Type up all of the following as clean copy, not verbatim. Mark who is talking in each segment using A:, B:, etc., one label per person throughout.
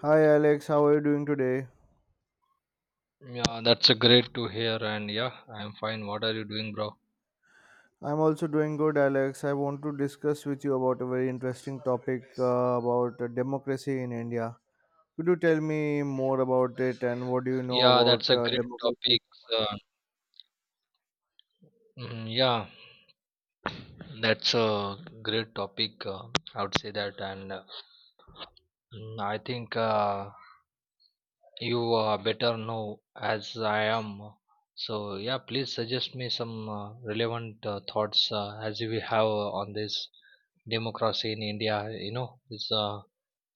A: Hi Alex, how are you doing today?
B: Yeah, that's a great to hear, and yeah, I'm fine. What are you doing, bro?
A: I'm also doing good, Alex. I want to discuss with you about a very interesting topic about democracy in India. Could you tell me more about it and what do you know
B: Yeah, that's a
A: about
B: great
A: democracy?
B: topic. Uh, yeah, that's a great topic. I would say that, and I think you better know as I am. So yeah, please suggest me some relevant thoughts as we have on this democracy in India. You know, it's uh,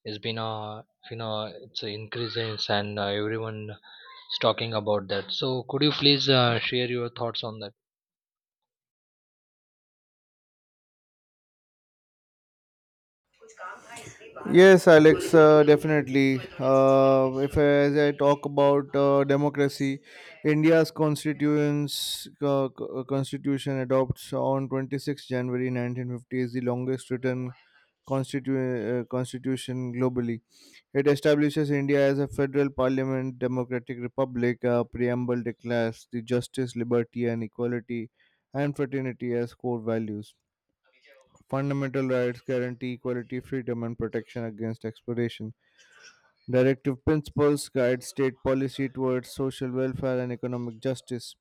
B: it's been a, it's increasing and everyone talking about that. So, could you please share your thoughts on that?
A: Yes, Alex, definitely. If I, as I talk about democracy, India's constituents, constitution adopts on 26 January 1950 is the longest written constitution globally. It establishes India as a federal parliament democratic republic. A preamble declares the justice, liberty, and equality and fraternity as core values. Fundamental rights guarantee equality, freedom, and protection against exploitation. Directive principles guide state policy towards social welfare and economic justice.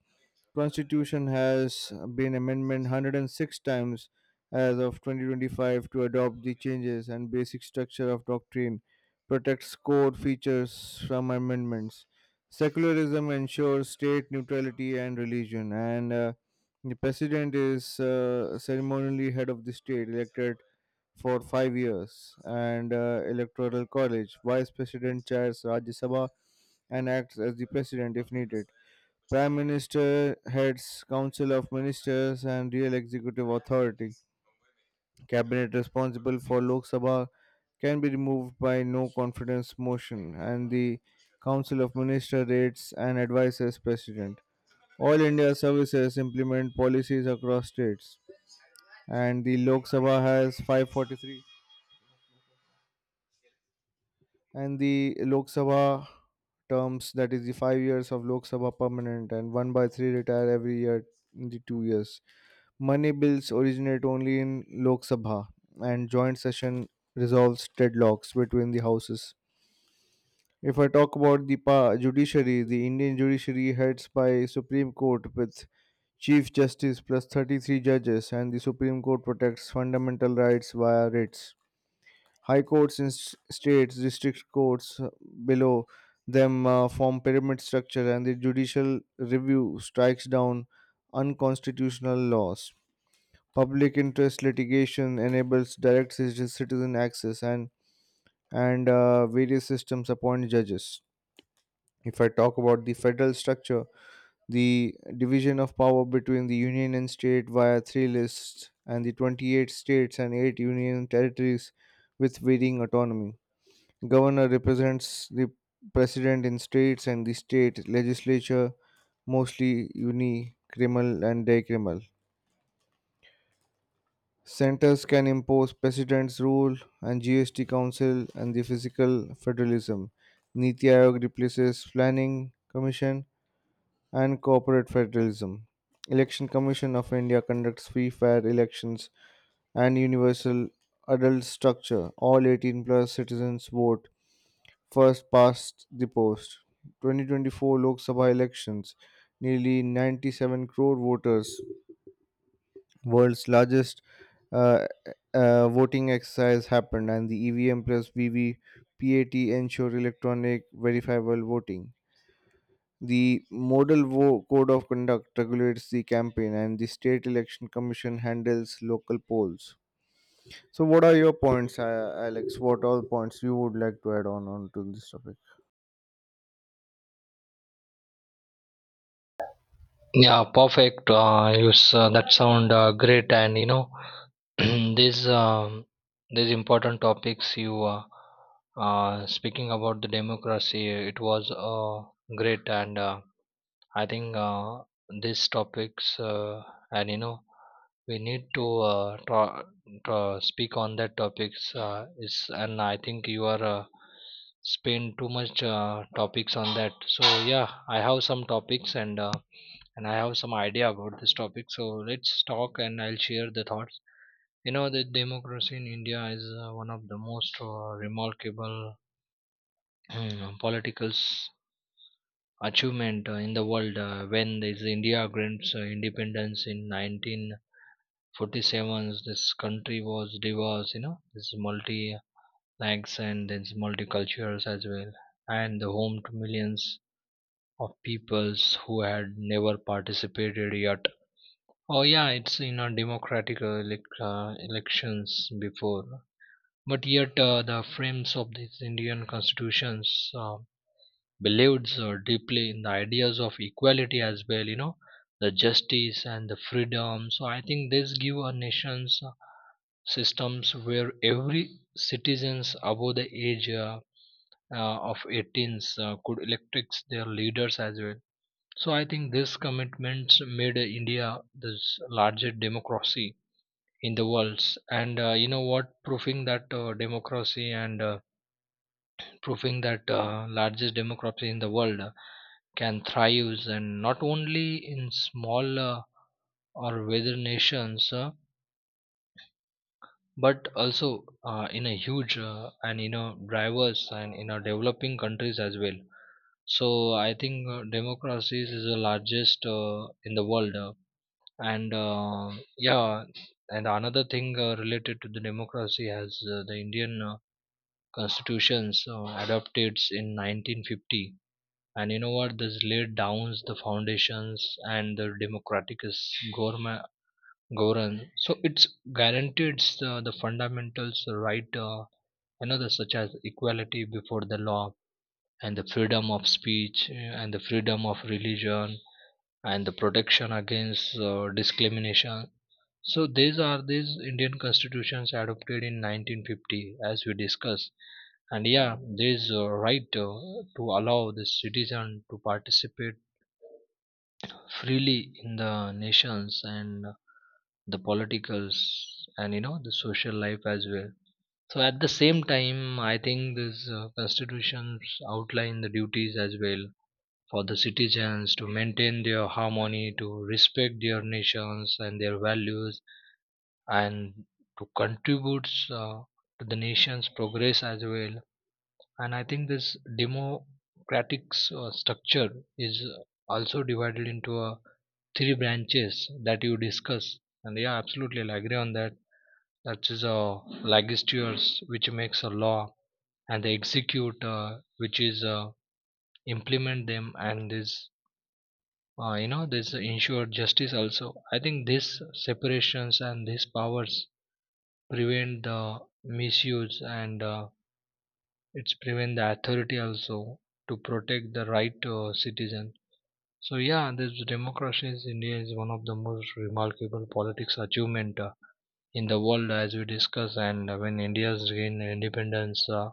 A: Constitution has been amended 106 times as of 2025 to adopt the changes, and basic structure of doctrine protects core features from amendments. Secularism ensures state neutrality and religion, and the president is ceremonially head of the state, elected for 5 years and Electoral College. Vice President chairs Rajya Sabha and acts as the President if needed. Prime Minister heads Council of Ministers and real executive authority. Cabinet responsible for Lok Sabha can be removed by no confidence motion, and the Council of Ministers rates and advises President. All India services implement policies across states, and the Lok Sabha has 543, and the Lok Sabha terms, that is the 5 years of Lok Sabha permanent and one by three retire every year in the 2 years. Money bills originate only in Lok Sabha, and joint session resolves deadlocks between the houses. If I talk about the judiciary, the Indian judiciary heads by Supreme Court with Chief Justice plus 33 judges, and the Supreme Court protects fundamental rights via writs. High courts in states, district courts below them form pyramid structure, and the judicial review strikes down unconstitutional laws. Public interest litigation enables direct citizen access, and various systems appoint judges. If I talk about the federal structure, the division of power between the union and state via three lists, and the 28 states and eight union territories with varying autonomy. Governor represents the president in states and the state legislature, mostly unicameral and bicameral. Centers can impose president's rule and GST council and the physical federalism. Niti Aayog replaces planning commission and corporate federalism. Election Commission of India conducts free fair elections and universal adult structure. All 18 plus citizens vote first past the post. 2024 Lok Sabha elections, nearly 97 crore voters, world's largest uh, voting exercise happened, and the EVM plus VVPAT ensure electronic verifiable voting. The Code of Conduct regulates the campaign, and the State Election Commission handles local polls. So, what are your points, Alex? What all points you would like to add on to this topic?
B: Yeah, perfect. That sound great, and you know these um, these important topics you speaking about the democracy. It was great and I think these topics, and you know, we need to speak on that topics. Is and I think you are spend too much topics on that. So yeah, I have some topics and I have some idea about this topic. So let's talk, and I'll share the thoughts. You know, the democracy in India is one of the most remarkable political achievement in the world when this India grants independence in 1947. This country was diverse, you know, this multi lags and this multicultures as well, and the home to millions of peoples who had never participated yet. Oh yeah, it's in a democratic elections before. But yet, the frames of these Indian constitutions believed so deeply in the ideas of equality as well, you know, the justice and the freedom. So I think this give a nations systems where every citizens above the age of 18 could elect their leaders as well. So I think this commitments made India the largest democracy in the world, and you know what, proving that democracy, and proving that largest democracy in the world can thrive, and not only in small or weather nations but also in a huge and you know diverse and in a developing countries as well. So I think democracies is the largest in the world and yeah. And another thing related to the democracy has the Indian constitutions adopted in 1950. And you know what, this laid down the foundations and the democratic is government govern. So it's guaranteed the fundamentals, the right, another, such as equality before the law and the freedom of speech, and the freedom of religion and the protection against discrimination. So these are these Indian constitutions adopted in 1950, as we discussed. And yeah, there is a right to allow the citizen to participate freely in the nations and the politicals and you know the social life as well. So at the same time, I think these constitutions outline the duties as well for the citizens to maintain their harmony, to respect their nations and their values and to contribute to the nation's progress as well. And I think this democratic structure is also divided into three branches that you discuss. And yeah, absolutely, I'll agree on that. That is legislatures, which makes a law, and the execute, which is implement them, and this, you know, this ensure justice also. I think these separations and these powers prevent the misuse, and it's prevent the authority also, to protect the right, citizen. So yeah, this democracy in India is one of the most remarkable politics achievement in the world, as we discuss. And when India's gained independence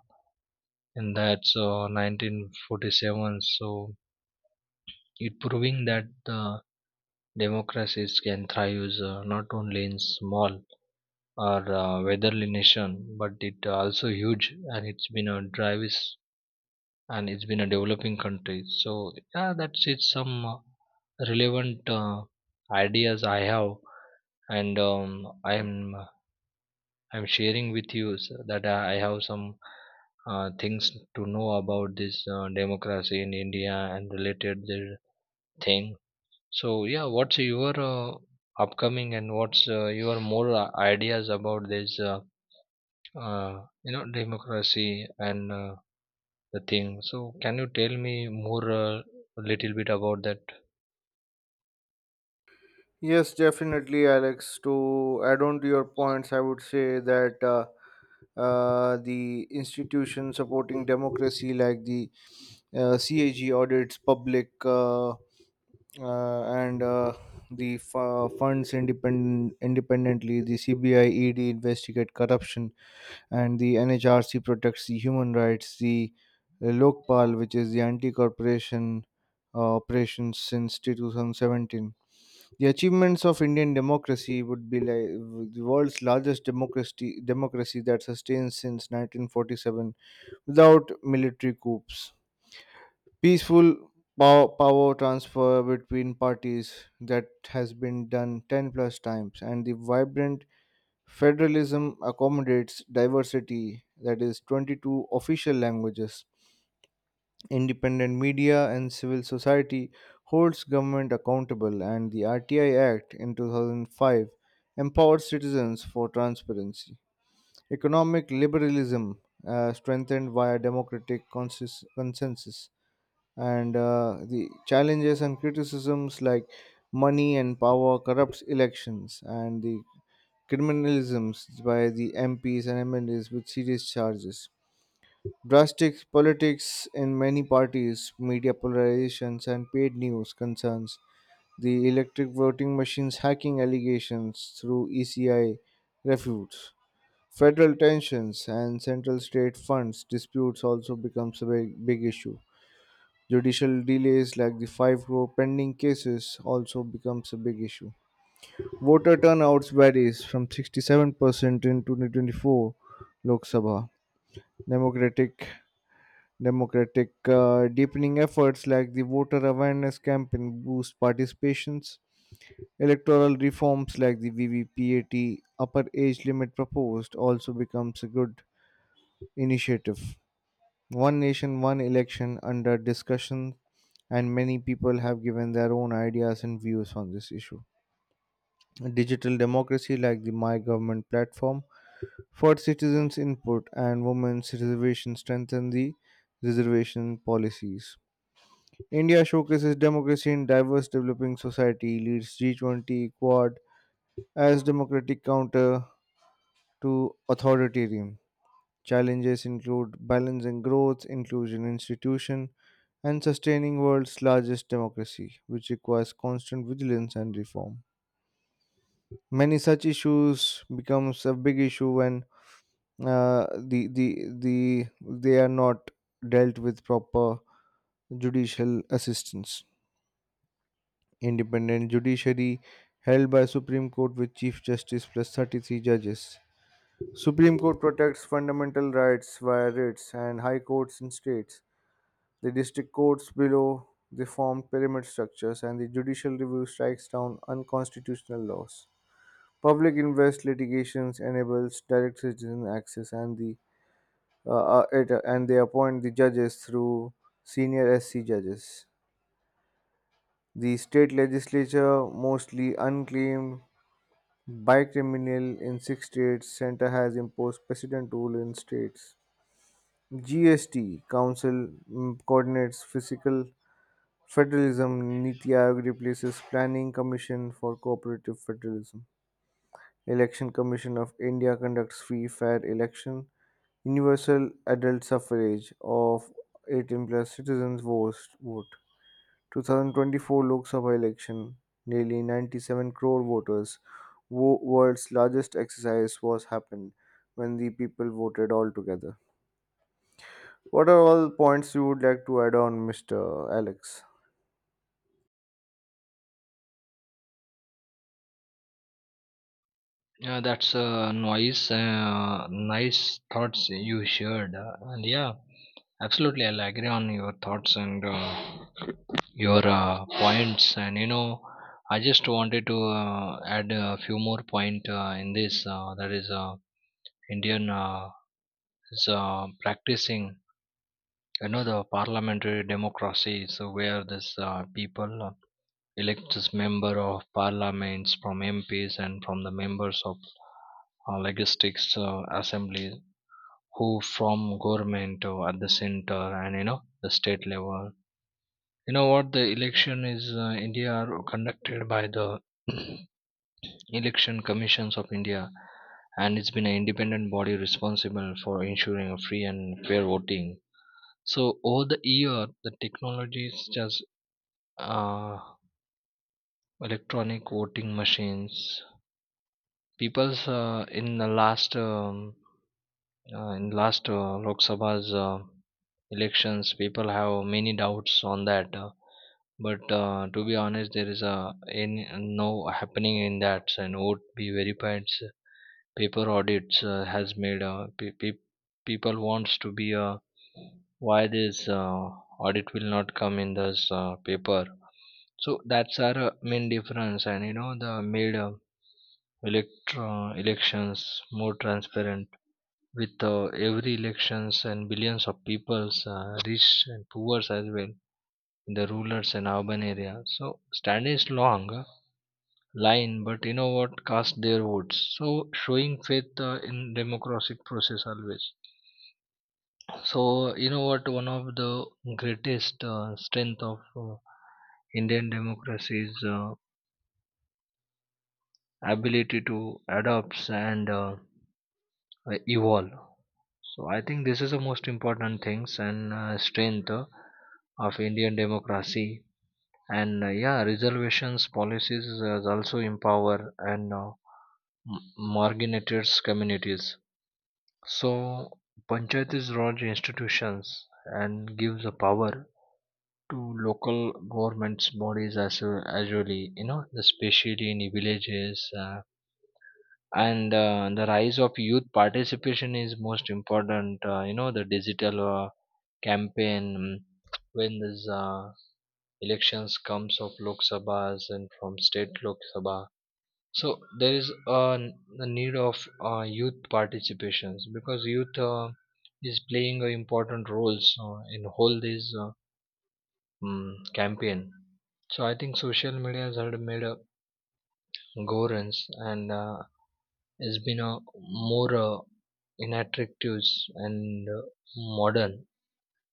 B: and that's 1947. So it proving that the democracies can thrive not only in small or weatherly nation but it also huge, and it's been a drive and it's been a developing country. So yeah, that's it. Some relevant ideas I have, and I'm I'm sharing with that I have some things to know about this democracy in India and related the thing. So yeah, what's your upcoming and what's your more ideas about this? You know, democracy and the thing. So can you tell me more, a little bit about that?
A: Yes, definitely, Alex. To add on to your points, I would say that the institution supporting democracy, like the CAG, audits public and the funds independently. The CBI ED investigate corruption, and the NHRC protects the human rights. The Lokpal, which is the anti-corporation operations since 2017. The achievements of Indian democracy would be like the world's largest democracy, democracy that sustains since 1947 without military coups. Peaceful power transfer between parties that has been done 10 plus times, and the vibrant federalism accommodates diversity, that is 22 official languages. Independent media and civil society holds government accountable, and the RTI Act in 2005 empowered citizens for transparency. Economic liberalism strengthened via democratic consensus, and the challenges and criticisms like money and power corrupts elections, and the criminalisms by the MPs and MLAs with serious charges. Drastic politics in many parties, media polarizations, and paid news concerns, the electric voting machines hacking allegations through ECI refutes, federal tensions, and central state funds disputes also becomes a big, big issue. Judicial delays like the five crore pending cases also becomes a big issue. Voter turnouts varies from 67% in 2024 Lok Sabha. Democratic, democratic deepening efforts like the voter awareness campaign boost participations. Electoral reforms like the VVPAT upper age limit proposed also becomes a good initiative. One nation, one election under discussion, and many people have given their own ideas and views on this issue. Digital democracy like the My Government platform for citizens' input and women's reservation strengthen the reservation policies. India showcases democracy in diverse developing society, leads G20 Quad as democratic counter to authoritarian. Challenges include balancing growth, inclusion institution, and sustaining world's largest democracy, which requires constant vigilance and reform. Many such issues becomes a big issue when the they are not dealt with proper judicial assistance. Independent judiciary held by Supreme Court with Chief Justice plus 33 judges. Supreme Court protects fundamental rights via writs and high courts in states. The district courts below they form pyramid structures, and the judicial review strikes down unconstitutional laws. Public invest litigations enables direct citizen access, and and they appoint the judges through senior SC judges. The state legislature, mostly unclaimed bi-criminal in six states, Centre has imposed precedent rule in states. GST Council coordinates fiscal federalism. Niti Aayog replaces Planning Commission for Cooperative Federalism. Election Commission of India conducts free, fair election. Universal adult suffrage of 18 plus citizens votes vote. 2024 Lok Sabha election, nearly 97 crore voters, world's largest exercise was happened when the people voted all together. What are all points you would like to add on, Mr. Alex?
B: Yeah, that's a nice thoughts you shared, and yeah, absolutely, I'll agree on your thoughts and your points. And you know, I just wanted to add a few more point in this. That is, Indian is practicing, you know, the parliamentary democracy. So where this people elects member of parliaments from MPs and from the members of legislative assembly who from government at the center, and you know the state level. You know what, the election is India are conducted by the election commissions of India, and it's been an independent body responsible for ensuring a free and fair voting. So over the year the technologies just uh, electronic voting machines, people's in the last Lok Sabha's elections, people have many doubts on that. But to be honest, there is a any, no happening in that. And vote be verified. Paper audits has made people wants to be, why this audit will not come in this paper. So that's our main difference, and you know the made. Elections more transparent with every elections, and billions of peoples, rich and poor as well, in the rural and urban areas. So stand is long line, but you know what, cast their votes, so showing faith in democratic process always. So you know what, one of the greatest strength of uh, Indian democracy is ability to adapt and evolve. So I think this is the most important things and strength of Indian democracy. And yeah, reservations policies also empower and marginalized communities. So panchayat is large institutions and gives the power to local governments bodies as well, usually, you know, especially in villages, and the rise of youth participation is most important. You know, the digital campaign, when these elections comes of Lok Sabhas and from state Lok Sabha. So there is a need of youth participations because youth is playing a important roles in whole this campaign. So I think social media has had made a gorance and has been a more inattractive and modern.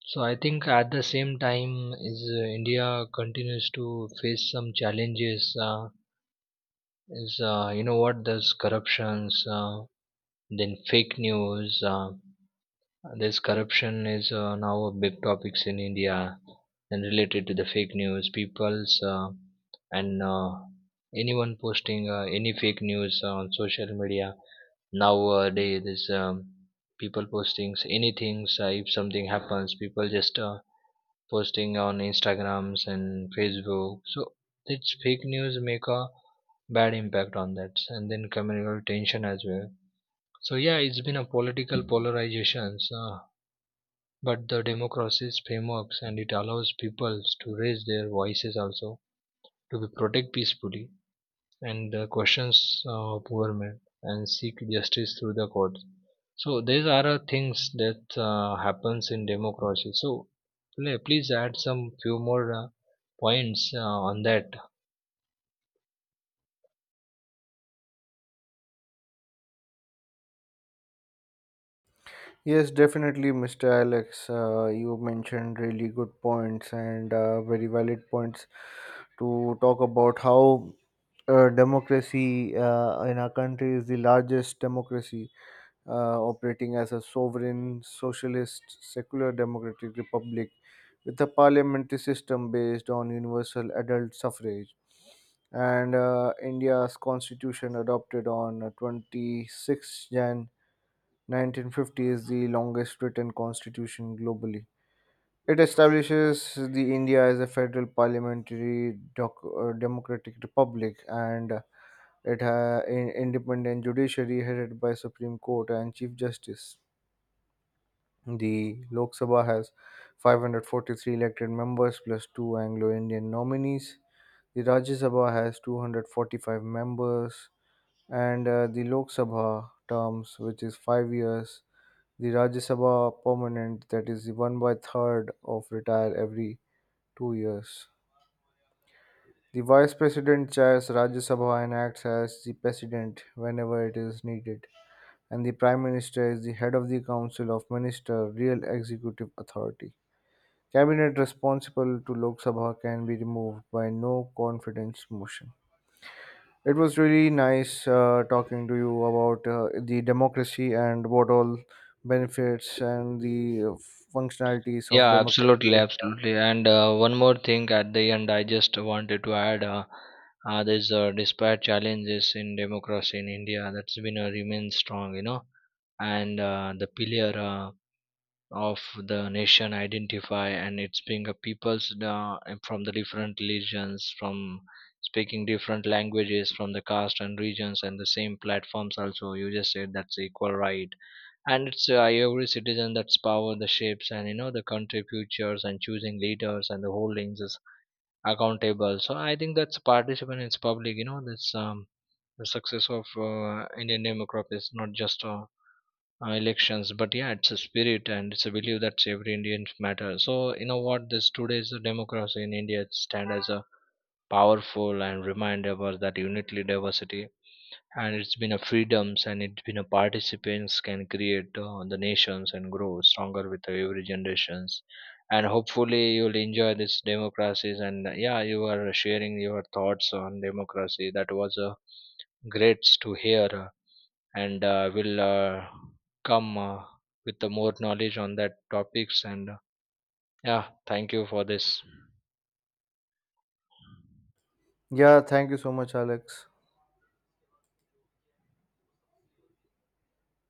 B: So I think at the same time is India continues to face some challenges, is you know what, there's corruptions, then fake news, this corruption is now a big topics in India. And related to the fake news, people's and anyone posting any fake news on social media nowadays, there's people postings anything, if something happens people just posting on Instagrams and Facebook. So it's fake news make a bad impact on that, and then communal tension as well. So yeah, it's been a political polarizations, but the democracy's frameworks and it allows people to raise their voices also, to be protect peacefully and the questions of government and seek justice through the courts. So these are things that happens in democracy. So please add some few more points on that.
A: Yes, definitely, Mr. Alex. You mentioned really good points and very valid points to talk about how democracy in our country is the largest democracy operating as a sovereign, socialist, secular democratic republic with a parliamentary system based on universal adult suffrage. And India's constitution, adopted on 26th Jan 1950, is the longest written constitution globally. It establishes the India as a federal parliamentary democratic republic, and it has an independent judiciary headed by Supreme Court and Chief Justice. The Lok Sabha has 543 elected members plus two Anglo Indian nominees. The Rajya Sabha has 245 members, and the Lok Sabha terms, which is 5 years. The Rajya Sabha permanent, that is the one by third of retire every 2 years. The Vice President chairs Rajya Sabha and acts as the President whenever it is needed, and the Prime Minister is the head of the Council of Minister, real executive authority. Cabinet responsible to Lok Sabha can be removed by no confidence motion. It was really nice talking to you about the democracy and what all benefits and the functionalities of
B: Yeah, absolutely,
A: democracy.
B: absolutely. And one more thing at the end, I just wanted to add there's, despite challenges in democracy in India, that's been, remains strong, you know, and the pillar of the nation identify, and it's being a peoples from the different religions, from speaking different languages, from the caste and regions, and the same platforms also you just said that's equal right. And it's every citizen that's power the shapes, and you know the country futures and choosing leaders and the holdings is accountable. So I think that's participant is public, you know, that's the success of Indian democracy is not just elections, but yeah, it's a spirit and it's a belief that every Indian matters. So you know what, this today's democracy in India stand as a powerful and reminder about that unity diversity, and it's been a freedoms and it's been a participants can create the nations and grow stronger with every generations. And hopefully you'll enjoy this democracies, and yeah, you are sharing your thoughts on democracy. That was a great to hear, and will come with the more knowledge on that topics, and yeah, thank you for this.
A: Yeah, thank you so much, Alex.